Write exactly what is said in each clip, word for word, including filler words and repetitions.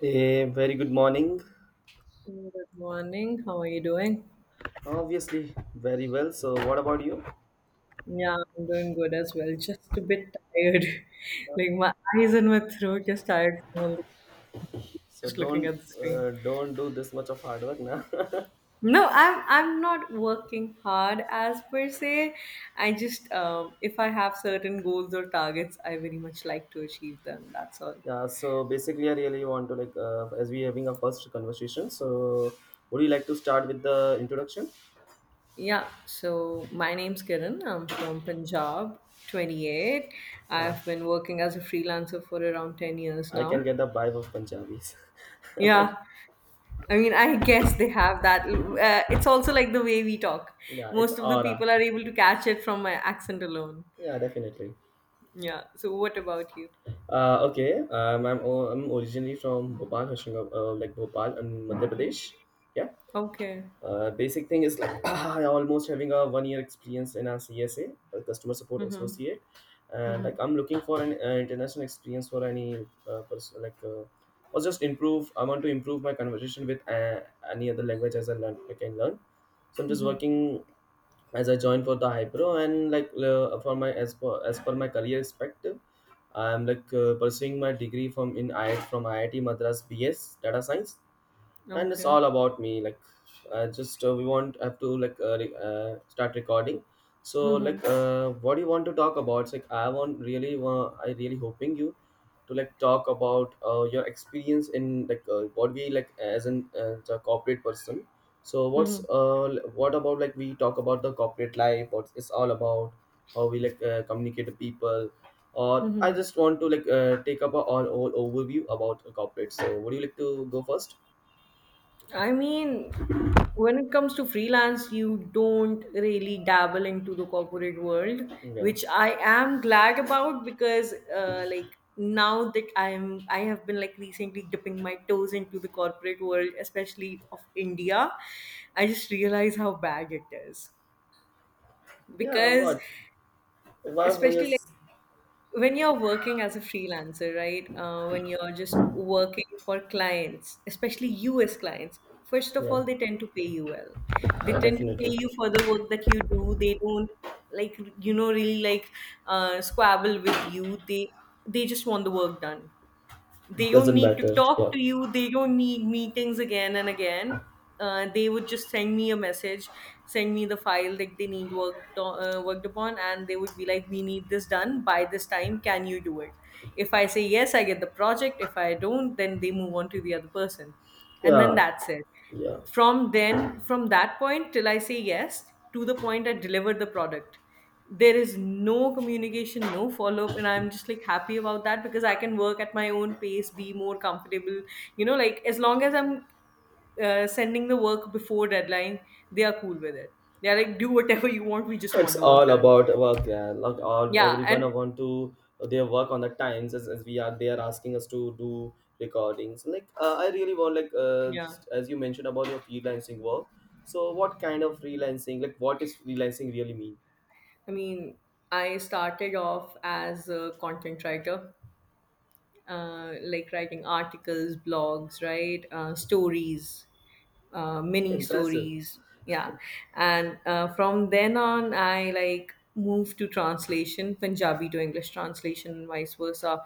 A very good morning. Good morning. How are you doing? Obviously, very well. So, what about you? Yeah, I'm doing good as well. Just a bit tired. Like my eyes and my throat just tired from all the So, just looking don't at the screen. uh, don't do this much of hard work now. No, I'm I'm not working hard as per se. I just um, if I have certain goals or targets, I very much like to achieve them. That's all. yeah. So, basically, I really want to like uh, as we having a first conversation. So, would you like to start with the introduction? Yeah, so my name's Kiran. I'm from Punjab, twenty-eight. Yeah, I've been working as a freelancer for around ten years I now. can get the vibe of Punjabis. Yeah, I mean, I guess they have that. Uh, it's also like the way we talk. yeah, it's Most of the aura. people are able to catch it from my accent alone. Yeah, definitely. Yeah. So, what about you? Uh, okay. Um, I'm o- I'm originally from Bhopal, Hoshangab, uh, like Bhopal, in Madhya Pradesh. Yeah. Okay. Uh, basic thing is like I almost having a one year experience in a C S A, customer support Mm-hmm. associate, and Mm-hmm. like I'm looking for an uh, international experience for any uh, person like uh, or just improve. I want to improve my conversation with uh, any other language as I learn I can learn. So I'm just Mm-hmm. working as I join for the hypro and like uh, for my as per as per my career perspective, I'm like uh, pursuing my degree from in I from I I T Madras B S Data Science and it's Okay. all about me like uh, just uh, we want have to like uh, re- uh, start recording. So Mm-hmm. like uh, what do you want to talk about? It's like i want really want, I really hoping you to like talk about uh, your experience in like uh, what we like as an uh, as a corporate person. So what's Mm-hmm. uh, l- what about like we talk about the corporate life, what it's all about, how we like uh, communicate to people, or I Mm-hmm. just want to like uh, take up a all, all overview about a corporate. So would you like to go first? I mean, when it comes to freelance, you don't really dabble into the corporate world, Yeah. which I am glad about because, uh, like now that I'm, I have been like recently dipping my toes into the corporate world, especially of India. I just realize how bad it is Yeah, because, what? Why for especially like, yes? when you're working as a freelancer, right? Uh, when you're just working for clients, especially U S clients, first of Yeah, all, they tend to pay you well. They yeah, tend to pay definitely. you for the work that you do. They don't like you know really like uh, squabble with you. They they just want the work done. They don't Doesn't need to matter. talk Yeah, to you. They don't need meetings again and again. Uh, they would just send me a message, send me the file that they need worked on, uh, worked upon, and they would be like, we need this done by this time, can you do it? If I say yes, I get the project. If I don't, then they move on to the other person, and then yeah, that's it. yeah. From then from that point till I say yes, to the point I deliver the product, there is no communication, no follow up, and I'm just like happy about that because I can work at my own pace, be more comfortable, you know like as long as I'm uh, sending the work before deadline, they are cool with it. They're like, do whatever you want, we just want It's the work all done. about work. Yeah, like all Yeah. everyone And want to their work on the times as, as we are. They are asking us to do recordings. Like uh, I really want like uh, yeah, just as you mentioned about your freelancing work. So what kind of freelancing? Like what is freelancing really mean? I mean, I started off as a content writer, uh, like writing articles, blogs, right? Uh, stories, uh, mini Impressive, stories. Yeah. And uh, from then on I like moved to translation, Punjabi to English translation and vice versa.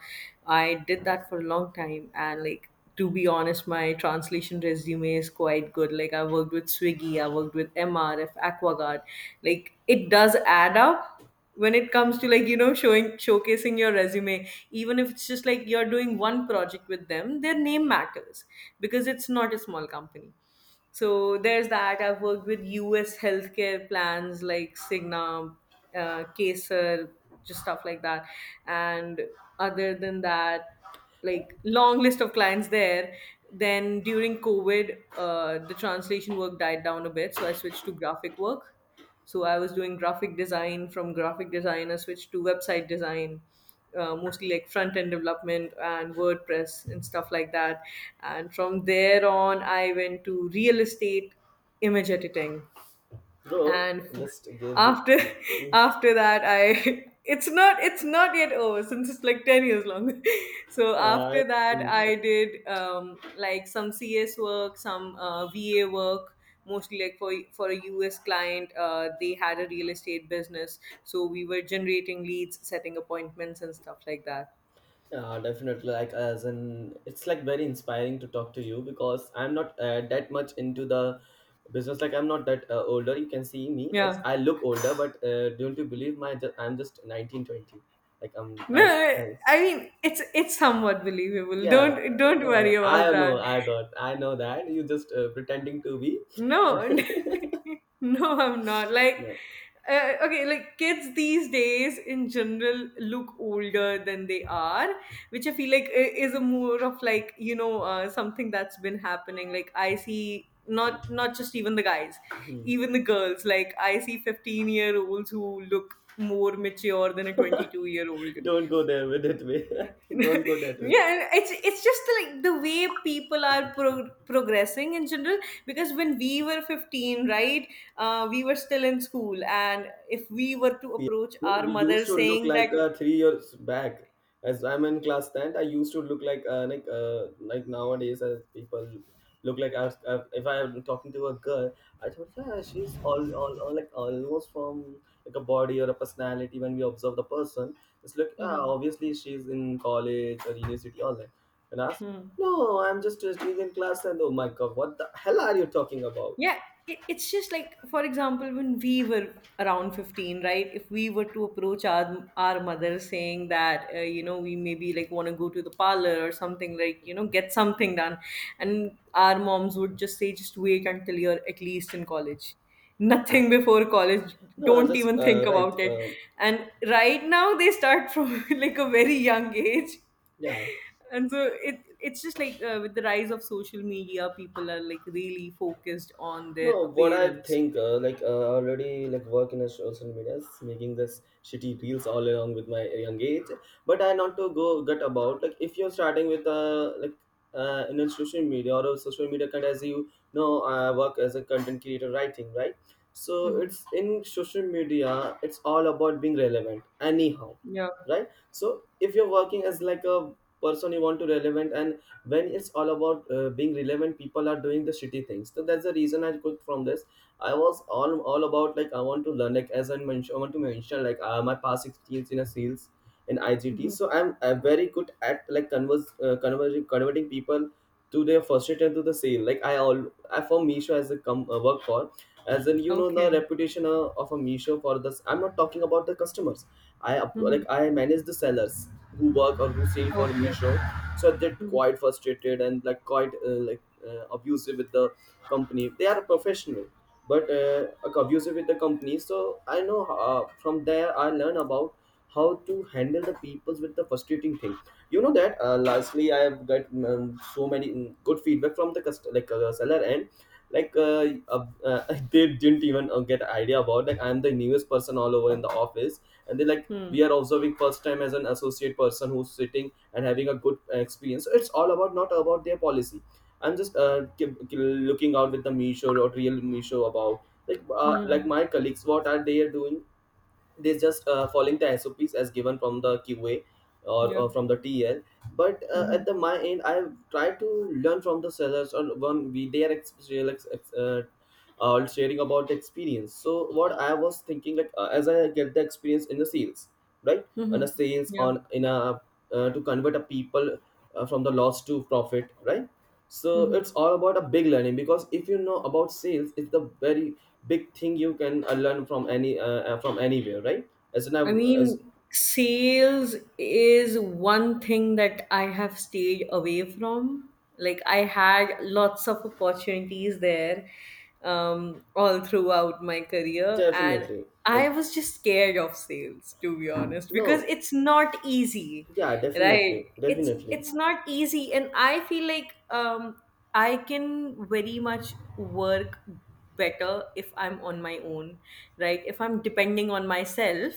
I did that for a long time, and like, to be honest, my translation resume is quite good. Like I worked with Swiggy, I worked with MRF, Aquaguard. Like it does add up when it comes to like you know showing, showcasing your resume. Even if it's just like you're doing one project with them, their name matters because it's not a small company. So there's that. I've worked with U S healthcare plans like Cigna, uh, Kaiser, just stuff like that. And other than that, like long list of clients there. Then during COVID, uh, the translation work died down a bit, so I switched to graphic work. So I was doing graphic design. From graphic design, I switched to website design, uh, mostly like front end development and WordPress and stuff like that. And from there on, I went to real estate, image editing, bro. and Just give the. after after that I, it's not it's not yet over since it's like ten years long. So I. after that I did um like some CS work, some uh, VA work, mostly like for for a US client. Uh, they had a real estate business, so we were generating leads, setting appointments, and stuff like that. Yeah, definitely. Like, as in, it's like very inspiring to talk to you because I'm not uh, that much into the business. Like, I'm not that uh, older. You can see me. It's Yeah, I look older, but uh, don't you believe my? ju- I'm just nineteen twenty. Like, I'm no, nine. uh, I mean, it's it's somewhat believable. yeah, Don't don't worry no, about I know. that. I thought I know that you just uh, pretending to be. No, no, I'm not. Like, No. uh, okay, like kids these days in general look older than they are, which I feel like i- is a more of like you know uh, something that's been happening. Like I see not not just even the guys, even the girls. Like I see fifteen year olds who look more mature than a twenty-two year old. Don't go there with it way. Don't go that way. Yeah, it's it's just like the way people are pro- progressing in general, because when we were fifteen, right? Uh, we were still in school, and if we were to Yeah. approach Well, our we mother used to look saying like that. uh, three years back. As I'm in class ten, I used to look like uh, like uh, like nowadays uh, people look like I, I, if I'm talking to a girl, I thought yeah she's all, all, all like almost from like a body or a personality. When we observe the person, it's like ah Mhm. obviously she's in college or university all that. And I asked, Hmm. no, I'm just uh, she's in class and oh my god, what the hell are you talking about? Yeah, it, it's just like, for example, when we were around fifteen, right? If we were to approach our, our mother saying that, uh, you know, we maybe like want to go to the parlor or something, like, you know, get something done. And our moms would just say, just wait until you're at least in college. Nothing before college. No, Don't just even think uh, right. about it. Um And right now they start from like a very young age, yeah. and so it it's just like uh, with the rise of social media, people are like really focused on their No, what I appearance. think, uh, like uh, I already like work in a social media, making this shitty reels all along with my young age. But I not to go gut about like if you're starting with uh, like uh, in a social media or a social media kind, as you know, I work as a content creator writing, right? So Mhm. it's in social media, it's all about being relevant anyhow, Yeah. right? So if you're working as like a person you want to relevant, and when it's all about uh, being relevant, people are doing the shitty things. So that's the reason I quit from this. I was all all about like I want to learn, like as I mentioned, I want to mention like uh, my past experience in a sales in I G T. Mhm. So I'm I'm very good at like converse, uh, converting converting people to their frustration to the sale. Like I all I for Misho as a com uh, work for, as in you know the Okay. reputation uh, of a Misho for this. I'm not talking about the customers. I up- Mhm. like I manage the sellers who work or who sell for Okay. Misho. So they're Mhm. quite frustrated and like quite uh, like uh, abusive with the company. They are professional but uh, like, abusive with the company. So I know uh, from there I learn about how to handle the peoples with the frustrating thing, you know. That uh, lastly I have got um, so many mm, good feedback from the cust- like uh, seller, and like uh, uh, uh, they didn't even uh, get idea about like I'm the newest person all over in the office, and they like Mhm. we are observing first time as an associate person who's sitting and having a good uh, experience. So it's all about not about their policy. I'm just uh, ki- ki- looking out with the meesho or real meesho about like uh, like Mhm. my colleagues what are they doing. They're just uh, following the S O Ps as given from the Q A, or, or Yeah. uh, from the T L. But uh, at Mhm. the my end, I've tried to learn from the sellers or one we they are ex- real ex- ex- uh, uh, sharing about the experience. So what I was thinking like uh, as I get the experience in the sales, right? On the Mhm. sales Yeah. on in a uh, to convert a people uh, from the loss to profit, right? So Mhm. it's all about a big learning, because if you know about sales, it's the very big thing you can uh, learn from any uh, uh, from anywhere, right? As an I av- as mean, sales is one thing that I have stayed away from. Like, I had lots of opportunities there um, all throughout my career, and definitely like, I was just scared of sales, to be honest, because no, it's not easy, yeah, right? definitely, It's definitely, it's not easy, and I feel like um, I can very much work better if I'm on my own, right? If I'm depending on myself,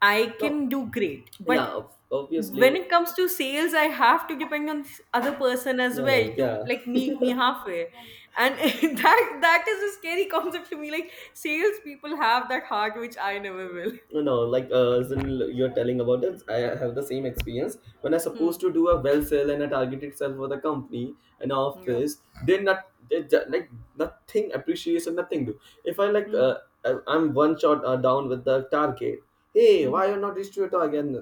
I no, can do great. But yeah, ob- when obviously, it comes to sales, I have to depend on this other person as no, well no, to yeah, like meet me halfway. And that that is a scary concept to me. Like sales people have that heart which I never will. no, no, like uh, as in you're telling about it, I have the same experience when I supposed Hmm. to do a well sale and a targeted sell for the company and Yeah. office. They not they ju- like nothing appreciation, nothing do. If I like Mhm. uh, I- I'm one shot uh, down with the target, hey why Mhm. you're not reached to your target,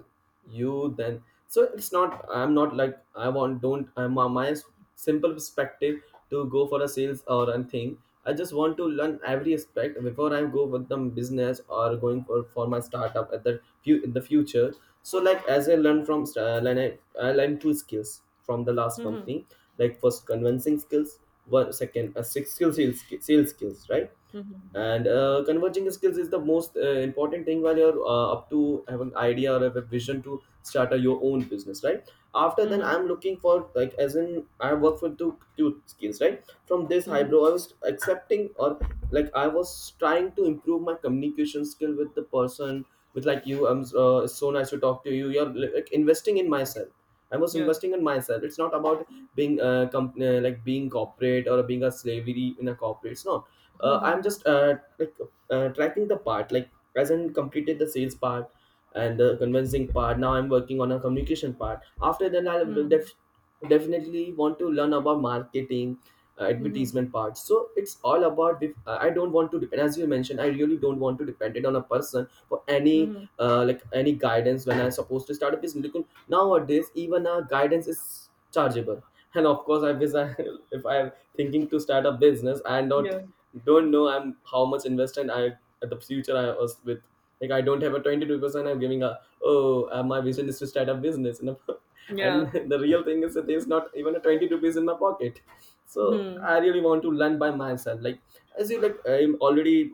you then. So it's not I'm not like I want, don't I'm uh, my simple perspective to go for a sales or a thing. I just want to learn every aspect before I go with the business or going for, for my startup at the few in the future. So like as I learn from st- uh, like I, I learned two skills from the last Mhm. company. Like first convincing skills, one second a six skill sales, sales skills, right? Mhm. And uh, converging skills is the most uh, important thing while you're uh, up to have an idea or have a vision to start a, your own business, right? After then Mhm. I'm looking for like as in I work for two, two skills, right? From this hybrid Mhm. I was accepting, or like I was trying to improve my communication skill with the person. With like you, I'm uh, it's so nice to talk to you, you're like investing in myself. I was Yeah. investing in myself. It's not about being uh, comp- uh, like being corporate or being a slavery in a corporate. No, uh, I'm Mhm. just uh, like uh, tracking the part. Like hasn't completed the sales part and the convincing part. Now I'm working on a communication part. After then i'll Mhm. def- definitely want to learn about marketing, uh, Mhm. advertisement part. So it's all about if, I don't want to depend, as you mentioned, I really don't want to depend it on a person for any Mhm. uh, like any guidance when I'm supposed to start a business, because nowadays even a guidance is chargeable. And of course I wish I, if I'm thinking to start a business, I not, Yeah. don't know I'm how much invested I at the future I was with. Like I don't have a twenty two percent. I'm giving a oh uh, my vision is to start a business and Yeah. and the real thing is that there's not even a twenty two piece in my pocket. So Hmm. I really want to learn by myself. Like as you like I'm already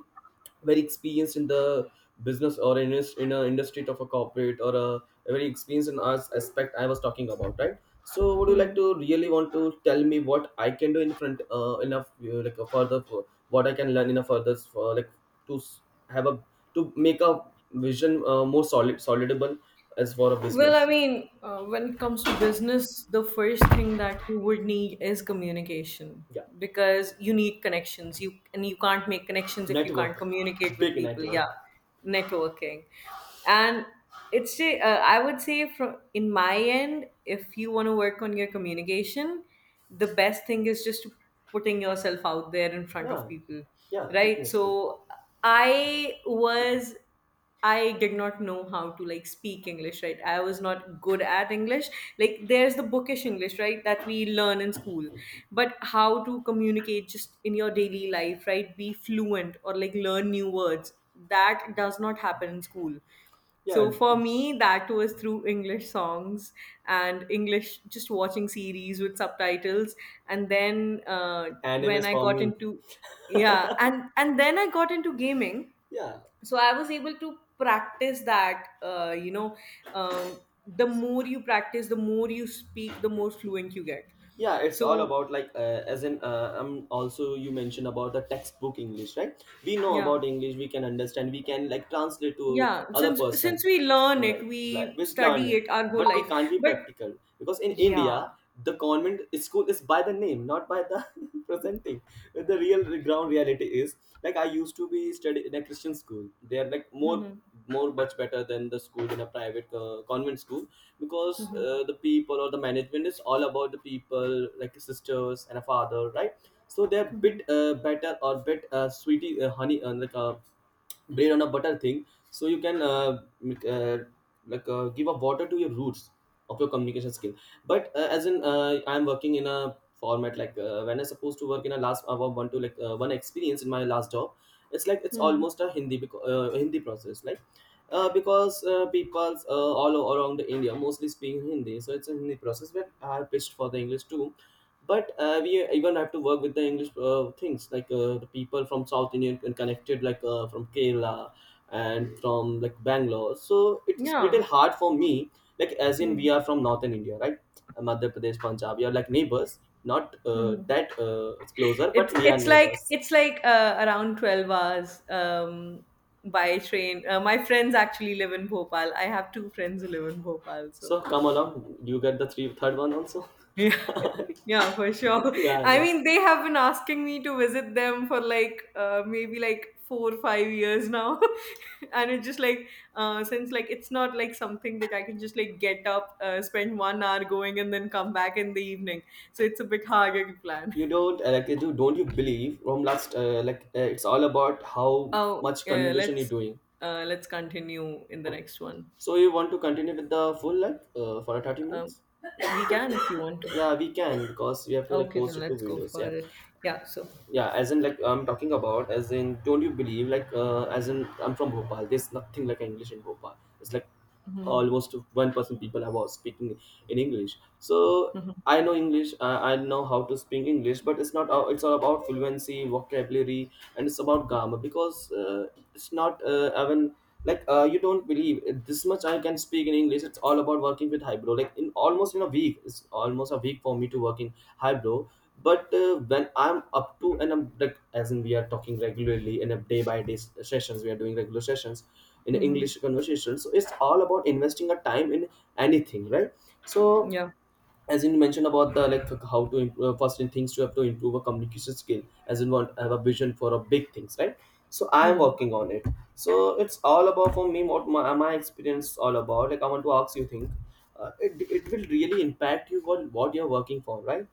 very experienced in the business or in a, in a industry of a corporate or a, a very experienced in arts aspect I was talking about, right? So, would you Hmm. like to really want to tell me what I can do in front uh, enough uh, like a further, for what I can learn in a further for like to s- have a, to make a vision uh, more solid, solidable as for a Well, I business. mean, uh, when it comes to business, the first thing that you would need is communication, Yeah, because you need connections. You and you can't make connections if you can't network, communicate with big people. network. Yeah, networking, and it's a- uh, I would say from in my end, if you want to work on your communication, the best thing is just putting yourself out there in front of Yeah, people, yeah, right? definitely. So I was. I did not know how to like speak English, right? I was not good at English. Like there's the bookish English, right, that we learn in school. But how to communicate just in your daily life, right? Be fluent or like learn new words. That does not happen in school. So Yeah, for me, that was through English songs and English, just watching series with subtitles. And then uh, and when is I for got me. into yeah, and and then I got into gaming, Yeah. so I was able to practice that. uh, you know um, the more you practice, the more you speak, the more fluent you get. Yeah, it's all So about like uh, as in uh, um also you mentioned about the textbook English, right? We know yeah, about English. We can understand, we can like translate to yeah, other since person, since we learn it, like like we we learn study it, it our whole but we life. can't be But practical because in yeah. India the convent school is by the name, not by the presenting. The real ground reality is like I used to be study in a Christian school. They're like more Mhm. more much better than the school in a private uh, convent school because Mhm. uh, the people or the management is all about the people like sisters and a father, right? So they're Mhm. bit uh, better or bit uh, sweetie uh, honey uh, like a bread on a butter thing. So you can uh, make, uh, like uh, give a water to your roots of your communication skill. But uh, as in uh, I'm working in a format like uh, when I supposed to work in a last uh, one to like uh, one experience in my last job. It's like it's Mhm. almost a hindi beco- uh, Hindi process like uh, because uh, people uh, all around India mostly speak Hindi, so it's a Hindi process, but I have pitched for the English too. But uh, we even have to work with the English uh, things like uh, the people from South Indian and connected like uh, from Kerala and from like Bangalore, so it is Yeah. little hard for me. Like as in Mhm. we are from Northern India, right? Uh, Madhya Pradesh, Punjab, we are like neighbors, not uh, Mhm. that uh, closer, but It's we are it's like neighbors. it's like uh, around twelve hours um, by train. Uh, my friends actually live in Bhopal. I have two friends who live in Bhopal, so So come along, you get the three third one also. yeah, yeah, for sure. Yeah, I I know. mean, they have been asking me to visit them for like uh, maybe like four or five years now, and it's just like uh, since like it's not like something that I can just like get up, uh, spend one hour going, and then come back in the evening. So it's a bit harder to plan. You don't uh, like you do, don't you believe from last uh, like uh, it's all about how Oh, much yeah, communication you're let's doing. uh, let's continue in the next one. So you want to continue with the full like uh, for thirty Um, minutes? we can if you want to. Yeah, we can because we have to like Okay, post then it to let's go videos. for Yeah, it. Yeah. So. yeah. As in like I'm talking about as in don't you believe like uh, as in I'm from Bhopal. There's nothing like English in Bhopal. It's like Mhm, almost one percent people I was speaking in English. So mhm, I know English. I, I know how to speak English, but it's not. all- it's all about fluency, vocabulary, and it's about grammar because uh, it's not uh, even like uh, you don't believe uh, this much I can speak in English. It's all about working with Hybro. Like in almost in a week, it's almost a week for me to work in Hybro. But uh, when I'm up to, and I'm like as in we are talking regularly in a day by day sessions, we are doing regular sessions in mhm. English conversation. So it's all about investing a time in anything, right? So Yeah. as in you mentioned about the like how to improve, uh, first in things you have to improve a communication skill, as in want have a vision for a big things, right? So I am Hmm. working on it. So it's all about for me what my, my experience all about. Like I want to ask you think uh, it, it will really impact you what what you're working for, right?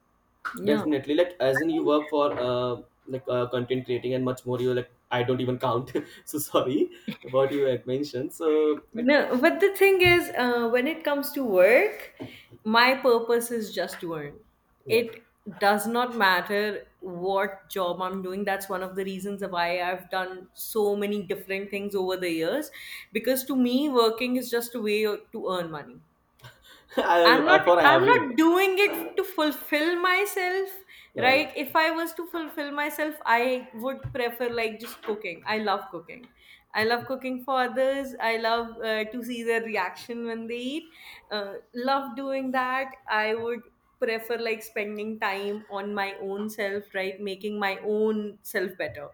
Yeah. Definitely, like as I in you mean, work for uh like uh, content creating and much more. You like, I don't even count. So sorry about you like mentioned so like, uh, No, but the thing is, uh, when it comes to work, my purpose is just to earn. yeah. It does not matter what job I'm doing. That's one of the reasons why I've done so many different things over the years. Because to me, working is just a way to earn money. I, I'm not I for I'm not everyone. doing it to fulfill myself, No, no. right? If I was to fulfill myself, I would prefer like just cooking. I love cooking. I love cooking for others. I love uh, to see their reaction when they eat. Uh, love doing that. I would prefer like spending time on my own self, right? Making my own self better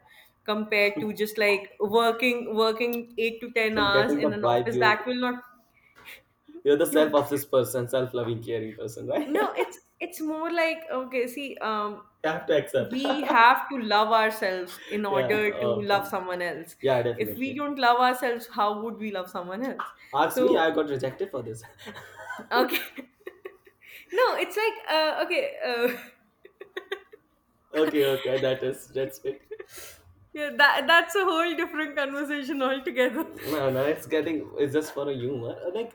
compared to just like working working eight to ten So I'm hours getting in the an vibe office you're that will not. you're the Yeah. self-obsessed person, self-loving, caring person, right? You No, it's it's more like, okay, see, um, have to accept. we have to love ourselves in Yeah. order to Okay. love someone else. Yeah, If we definitely. don't love ourselves, how would we love someone else? Ask me, So, I got rejected for this. okay. No, it's like uh, okay, uh, Okay. Okay. That is. That's it. yeah, that that's a whole different conversation altogether. No, no, it's getting. It's just for a humor. Like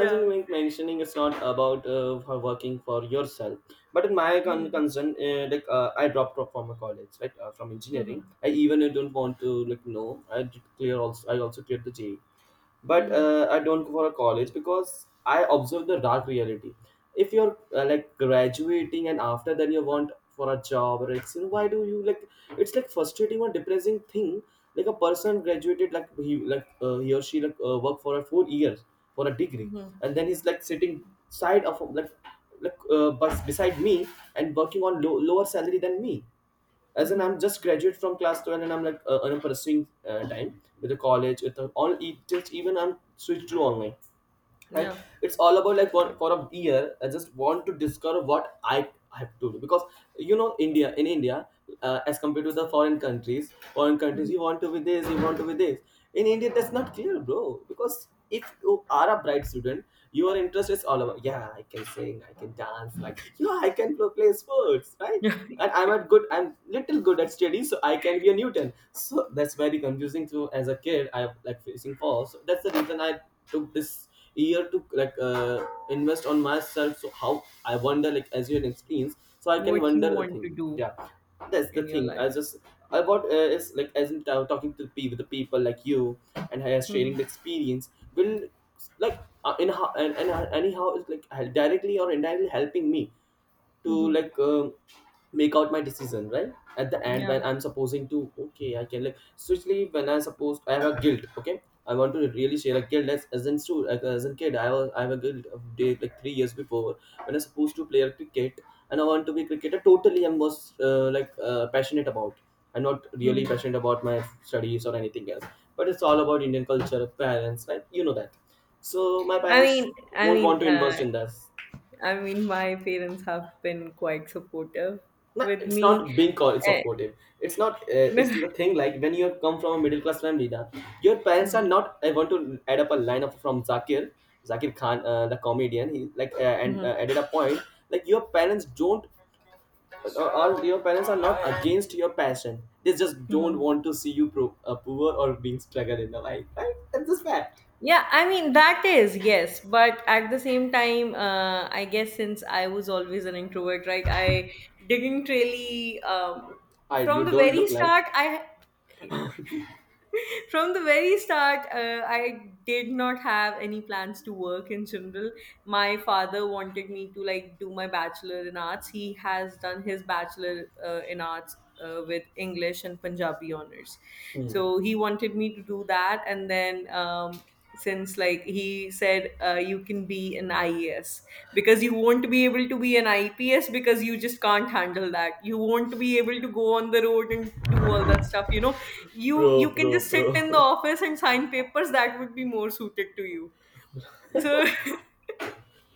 as you were mentioning, it's not about uh, for working for yourself. But in my con- Mhm. concern, uh, like uh, I dropped out from a college, right? Uh, from engineering, Mhm. I even don't want to like know. I did clear also. I also cleared the J E. But Mhm. uh, I don't go for a college because I observe the dark reality. If you're uh, like graduating and after then you want for a job, or it's you know, why do you like, it's like frustrating or depressing thing. Like a person graduated, like he like uh, he or she like uh, worked for a four years for a degree, Mhm. and then he's like sitting side of like like uh, bus beside me and working on low, lower salary than me. As in I'm Mhm. just graduate from class twelve, and I'm like uh, and I'm pursuing uh, time with the college with the all. It just even I'm switched to online, right? Yeah. It's all about like for, for a year I just want to discover what I have to do, because you know India, in India uh, as compared to the foreign countries, foreign countries Mhm. you want to be this, you want to be this. In India that's not clear, bro, because if you are a bright student your interest is all about yeah, I can sing, I can dance, like yeah, I can play, play sports, right? Yeah. And I'm at good, I'm little good at studies, so I can be a Newton. So that's very confusing to as a kid. I have like facing falls. So that's the reason I took this year to like uh, invest on myself. So how I wonder, like as you had experienced, so I can What you wonder a want to thing, do yeah. That's the in your thing. life. I just i what uh, is like as in t- talking to people, the people like you, and uh, sharing Mhm. the experience will like uh, in how and, and uh, anyhow it's like hel- directly or indirectly helping me to Mhm. like um make out my decision, right? At the end Yeah. when I'm supposing to, okay, I can like, especially when I suppose I have a guilt, okay, I want to really share a guilt. As, as in so like, as in kid I was, I have a guilt of day like three years before, when I supposed to play a cricket and I want to be cricketer totally. I was uh, like uh, passionate about. I'm not really Mhm. passionate about my studies or anything else, but it's all about Indian culture parents, right? You know that. So my I parents mean, I won't want mean, to invest uh, in this. I mean, my parents have been quite supportive No, with it's me. not being co- Eh, supportive. It's not. Uh, it's the thing, like when you come from a middle class family, na, your parents are Mhm, not. I want to add up a line up from Zakir, Zakir Khan, uh, the comedian. He like uh, and mhm, uh, added a point like your parents don't. Uh, or your parents are not against your passion. They just don't mhm. want to see you pro- uh, poor or being struggled in the life, right? That's just fact. Yeah, I mean, that is, yes. But at the same time, uh, I guess since I was always an introvert, right, I didn't really, um, I, from you the don't very look like. start, I, From the very start, uh, I did not have any plans to work in general. My father wanted me to like do my bachelor in arts. He has done his bachelor uh, in arts uh, with English and Punjabi honors. Hmm. So he wanted me to do that, and then. Um, since like he said uh, you can be an I E S because you won't be able to be an I P S because you just can't handle that. You won't be able to go on the road and do all that stuff. You know, you you Bro, can just bro, sit in the bro. office and sign papers that would be more suited to you, so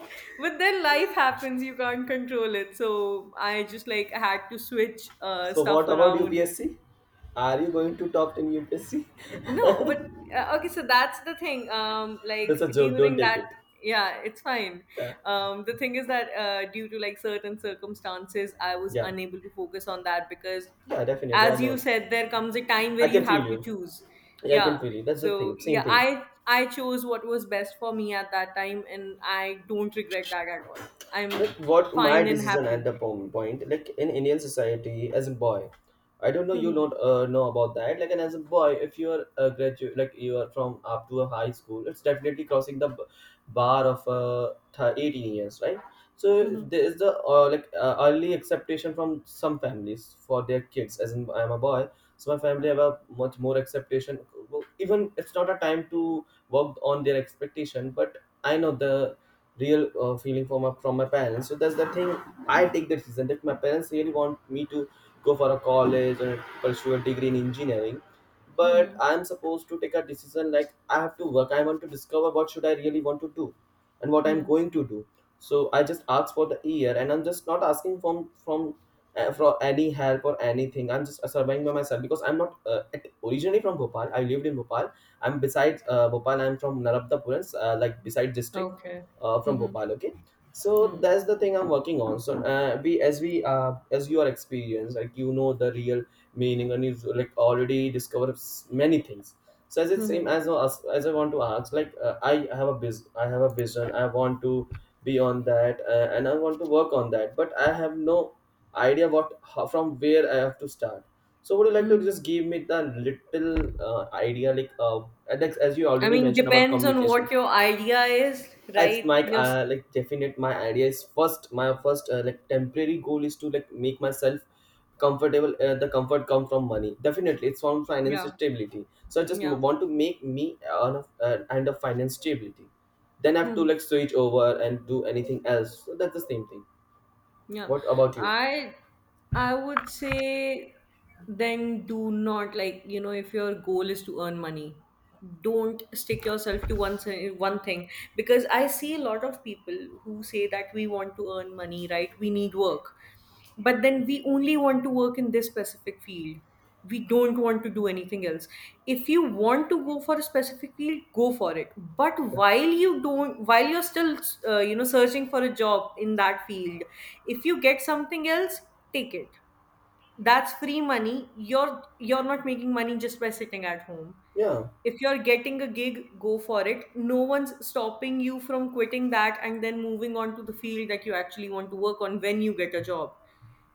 but then life happens, you can't control it. So I just like had to switch uh, So stuff what about around. U P S C? Are you going to talk in U P S C? No, but uh, okay, so that's the thing. Um, like That's a joke, don't during take that, it. yeah, it's fine. Yeah, Um, the thing is that uh, due to like certain circumstances, I was yeah, unable to focus on that because, yeah. Definitely, I as you know. said, there comes a time where I you can feel have to you. choose. Yeah, I can Yeah. feel you. That's the So thing. Same yeah, thing. I I chose what was best for me at that time, and I don't regret that at all. I'm Like what my fine and decision at happy. the po- point, like in Indian society as a boy, I don't know, you Mhm. don't uh, know about that, like. And as a boy, if you are a graduate, like you are from up to a high school, it's definitely crossing the b- bar of uh, th- eighteen years, right? So Mhm. there is the uh, like uh, early acceptation from some families for their kids. As in, I'm a boy, so my family have a much more acceptation. Well, even it's not a time to work on their expectation, but I know the real uh, feeling from my from my parents. So that's the thing. I take the decision that my parents really want me to go for a college and pursue a degree in engineering, but Mhm. I'm supposed to take a decision like I have to work. I want to discover what should I really want to do, and what I'm Mhm. going to do. So I just ask for the year, and I'm just not asking from from uh, for any help or anything. I'm just uh, surviving by myself because I'm not uh, at- originally from Bhopal. I lived in Bhopal. I'm besides uh, Bhopal. I'm from Narabdapuram, uh, like beside district Okay. uh, from Mhm. Bhopal. Okay, so Mhm. that's the thing I'm working on. So uh, we, as we, uh, as you are experienced, like you know the real meaning, and you've like already discovered s- many things. So as it same Mhm. as as as I want to ask, like uh, I have a biz, I have a vision, I want to be on that, uh, and I want to work on that, but I have no idea what how, from where I have to start. So would you like to Mhm. just give me the little uh, idea, like uh, and that's- as you I already mean, mentioned about depends on what communication? your idea is, As right? my Yes. uh, like definite my idea is first my first uh, like temporary goal is to like make myself comfortable, uh, the comfort come from money. Definitely it's from financial Yeah. stability, so I just Yeah. want to make me on a uh, kind of finance stability. Then I have to like switch over and do anything else. So that's the same thing, Yeah. what about you? I I would say, then do not, like, you know, if your goal is to earn money, don't stick yourself to one si- one thing, because I see a lot of people who say that we want to earn money, right? We need work. But then we only want to work in this specific field, we don't want to do anything else. If you want to go for a specific field, go for it. But Yeah, while you don't, while you're still uh, you know, searching for a job in that field, if you get something else, take it. That's free money. You're you're not making money just by sitting at home. yeah. If you're getting a gig, go for it. No one's stopping you from quitting that and then moving on to the field that you actually want to work on when you get a job.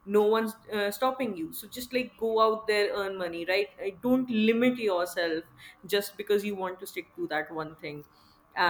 No one's uh, stopping you. So just like go out there, earn money, right? Uh, Don't limit yourself just because you want to stick to that one thing.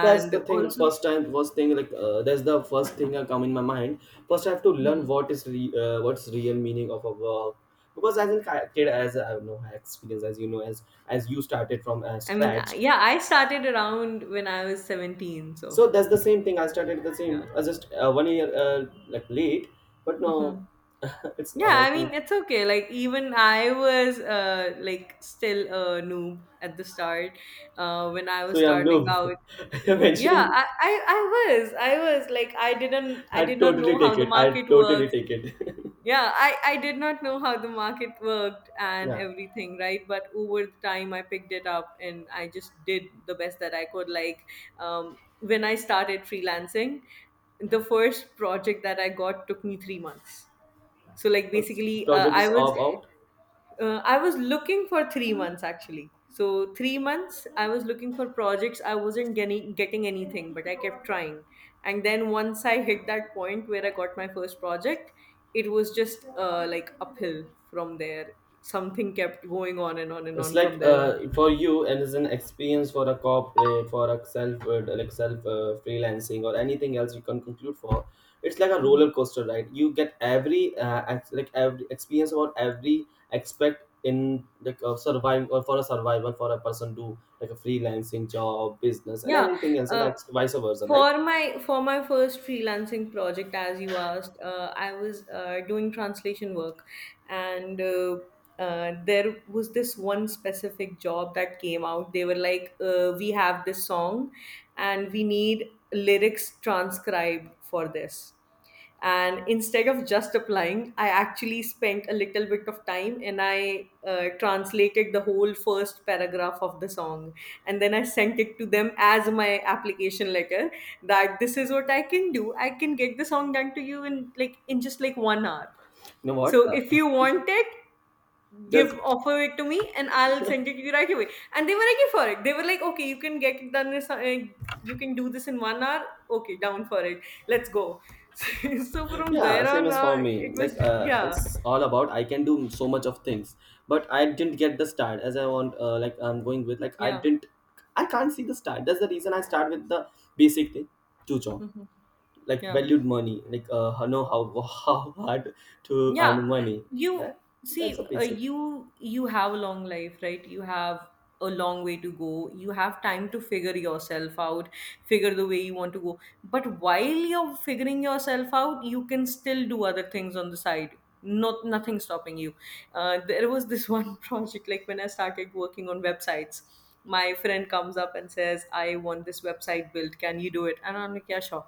That's the thing, also, first time first thing, like uh, that's the first thing that come in my mind. First I have to learn hmm, what is re- uh, what's real meaning of a work, because as a ki- kid, as I have no experience, as you know, as as you started from uh, I mean, I- scratch. yeah, I started around when I was seventeen. So, So that's the same thing, I started the same yeah. uh, just uh, one year uh, like late. But no, Hmm. it's Yeah, I about me. mean, it's okay. Like, even I was uh, like still a noob at the start uh, when I was So yeah, starting no, out. you're Yeah, mentioning. I, I, I was. I was like, I didn't, I I did not totally know how take the it, I market totally works. take it. Yeah, I, I did not know how the market worked and Yeah, everything, right? But over the time, I picked it up and I just did the best that I could. Like, um, when I started freelancing, the first project that I got took me three months. So like basically uh, project i is was all about. uh, I was looking for three months actually. So three months I was looking for projects, I wasn't getting getting anything, but I kept trying. And then once I hit that point where I got my first project, it was just uh, like uphill from there. Something kept going on and on and It's on from like there on. uh, for you, and it's an experience for a corporate, for a self, uh, like self uh, freelancing or anything else you can conclude for. It's like a roller coaster, right? You get every uh, ex- like every experience about every aspect in like uh, survival, or for a survival for a person do like a freelancing job, business, and Yeah, anything else, and uh, ex- vice versa, right? for my for my first freelancing project, as you asked, uh, I was uh, doing translation work, and uh, uh, there was this one specific job that came out. They were like, uh, "We have this song, and we need lyrics transcribed for this." And instead of just applying, I actually spent a little bit of time and I uh, translated the whole first paragraph of the song, and then I sent it to them as my application letter, that this is what I can do. I can get the song done to you in like in just like one hour, You know what? so Uh, if you want it, give, just offer it to me and I'll send it to you right away. And they were like for it. They were like, okay, you can get it done. This, uh, you can do this in one hour. Okay, down for it. Let's go. So, from yeah, there same on, as for uh, me. it was Like, just uh, yeah, it's all about I can do so much of things, but I didn't get the start as I want. Uh, like I'm going with like I yeah, didn't, I can't see the start. That's the reason I start with the basic thing, chucho, hmm, like yeah. valued money. Like, uh, know how how hard to Yeah, earn money. you That that's a see, uh, basic. you you have a long life, right? You have a long way to go. You have time to figure yourself out, figure the way you want to go. But while you're figuring yourself out, you can still do other things on the side. Not nothing stopping you. Uh, there was this one project, like when I started working on websites, my friend comes up and says, "I want this website built. Can you do it?" And I'm like, "Yeah, sure."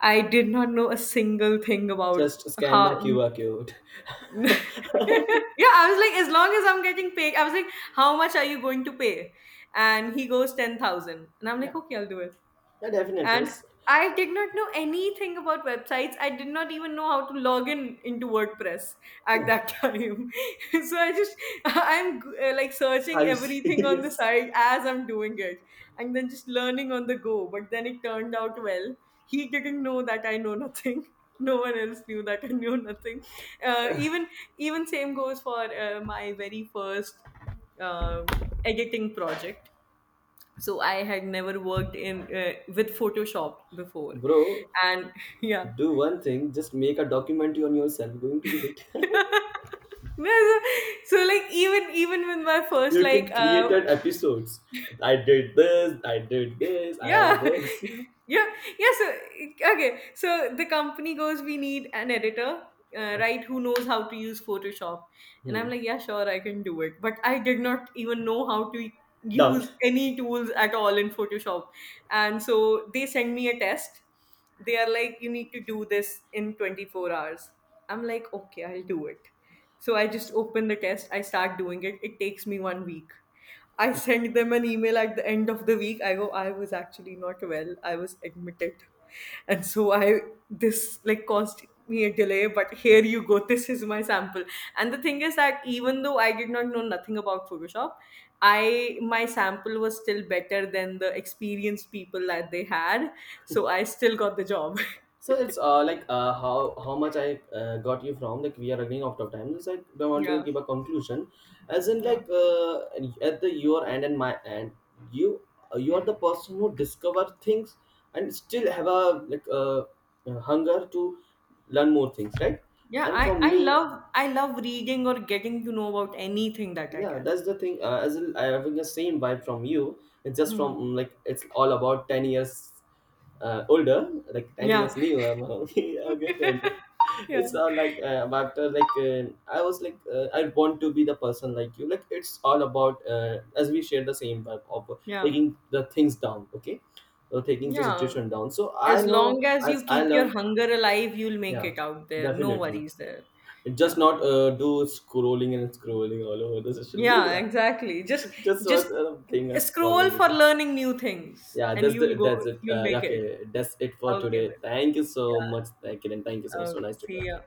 I did not know a single thing about Just scan my how Q R code. yeah, I was like, as long as I'm getting paid, I was like, how much are you going to pay? And he goes, ten thousand. And I'm like, Yeah, okay, I'll do it. yeah, definitely. And It's- I did not know anything about websites. I did not even know how to log in into WordPress at yeah. that time. So I just, I'm uh, like searching Are you everything on the serious, site as I'm doing it, and then just learning on the go. But then it turned out well. He didn't know that I know nothing. No one else knew that I knew nothing. Uh, even even same goes for uh, my very first uh, editing project. So I had never worked in uh, with Photoshop before, bro? and yeah. Do one thing. Just make a documentary on yourself. Going to be hit. No, so, so like even even with my first You like can uh, created episodes. I did this. I did this. I yeah, have this. yeah, yeah. So okay, so the company goes, we need an editor, uh, right, who knows how to use Photoshop. And I'm Hmm. like, yeah sure, I can do it, but I did not even know how to Done. use any tools at all in Photoshop. And so they send me a test. They are like, you need to do this in twenty-four hours. I'm like, okay, I'll do it. So I just open the test, I start doing it. It takes me one week. I send them an email at the end of the week. I go, I was actually not well. I was admitted. And so I, this like caused me a delay, but here you go. This is my sample. And the thing is that even though I did not know nothing about Photoshop, I, my sample was still better than the experienced people that they had. So I still got the job. So it's uh like uh how how much I uh, got you from, like, we are running out of time. It's like I want to Yeah. give a conclusion, as in Yeah. like uh at the your end and my end, you uh, you are the person who discover things and still have a like a uh, hunger to learn more things, right? Yeah, And I, for I me, love I love reading or getting to know about anything that I yeah, can. that's the thing. Uh, as in, I'm having the same vibe from you. It's just from Mhm. mm, like it's all about ten years uh, older, like ten years Yeah, new. I'm okay, okay, don't take. yeah, It's all like uh, after like uh, I was like uh, I want to be the person like you. Like it's all about uh, as we share the same vibe of yeah, taking the things down. Okay, so taking the yeah. situation down. So I As long know as you as I keep your learn. hunger alive, you'll make Yeah, it out there. No definitely. worries there. It just Yeah, not uh, do scrolling and scrolling all over the social yeah, media. exactly. Just Just just one uh, thing as scroll problem for with it. learning new things, Yeah, and that's you'll the, go. that's it. You'll Uh, make Yeah, it. okay, that's it for Okay today. then. Thank you so much, Kiran. Thank you so much. So Okay. nice to See talk to ya. you.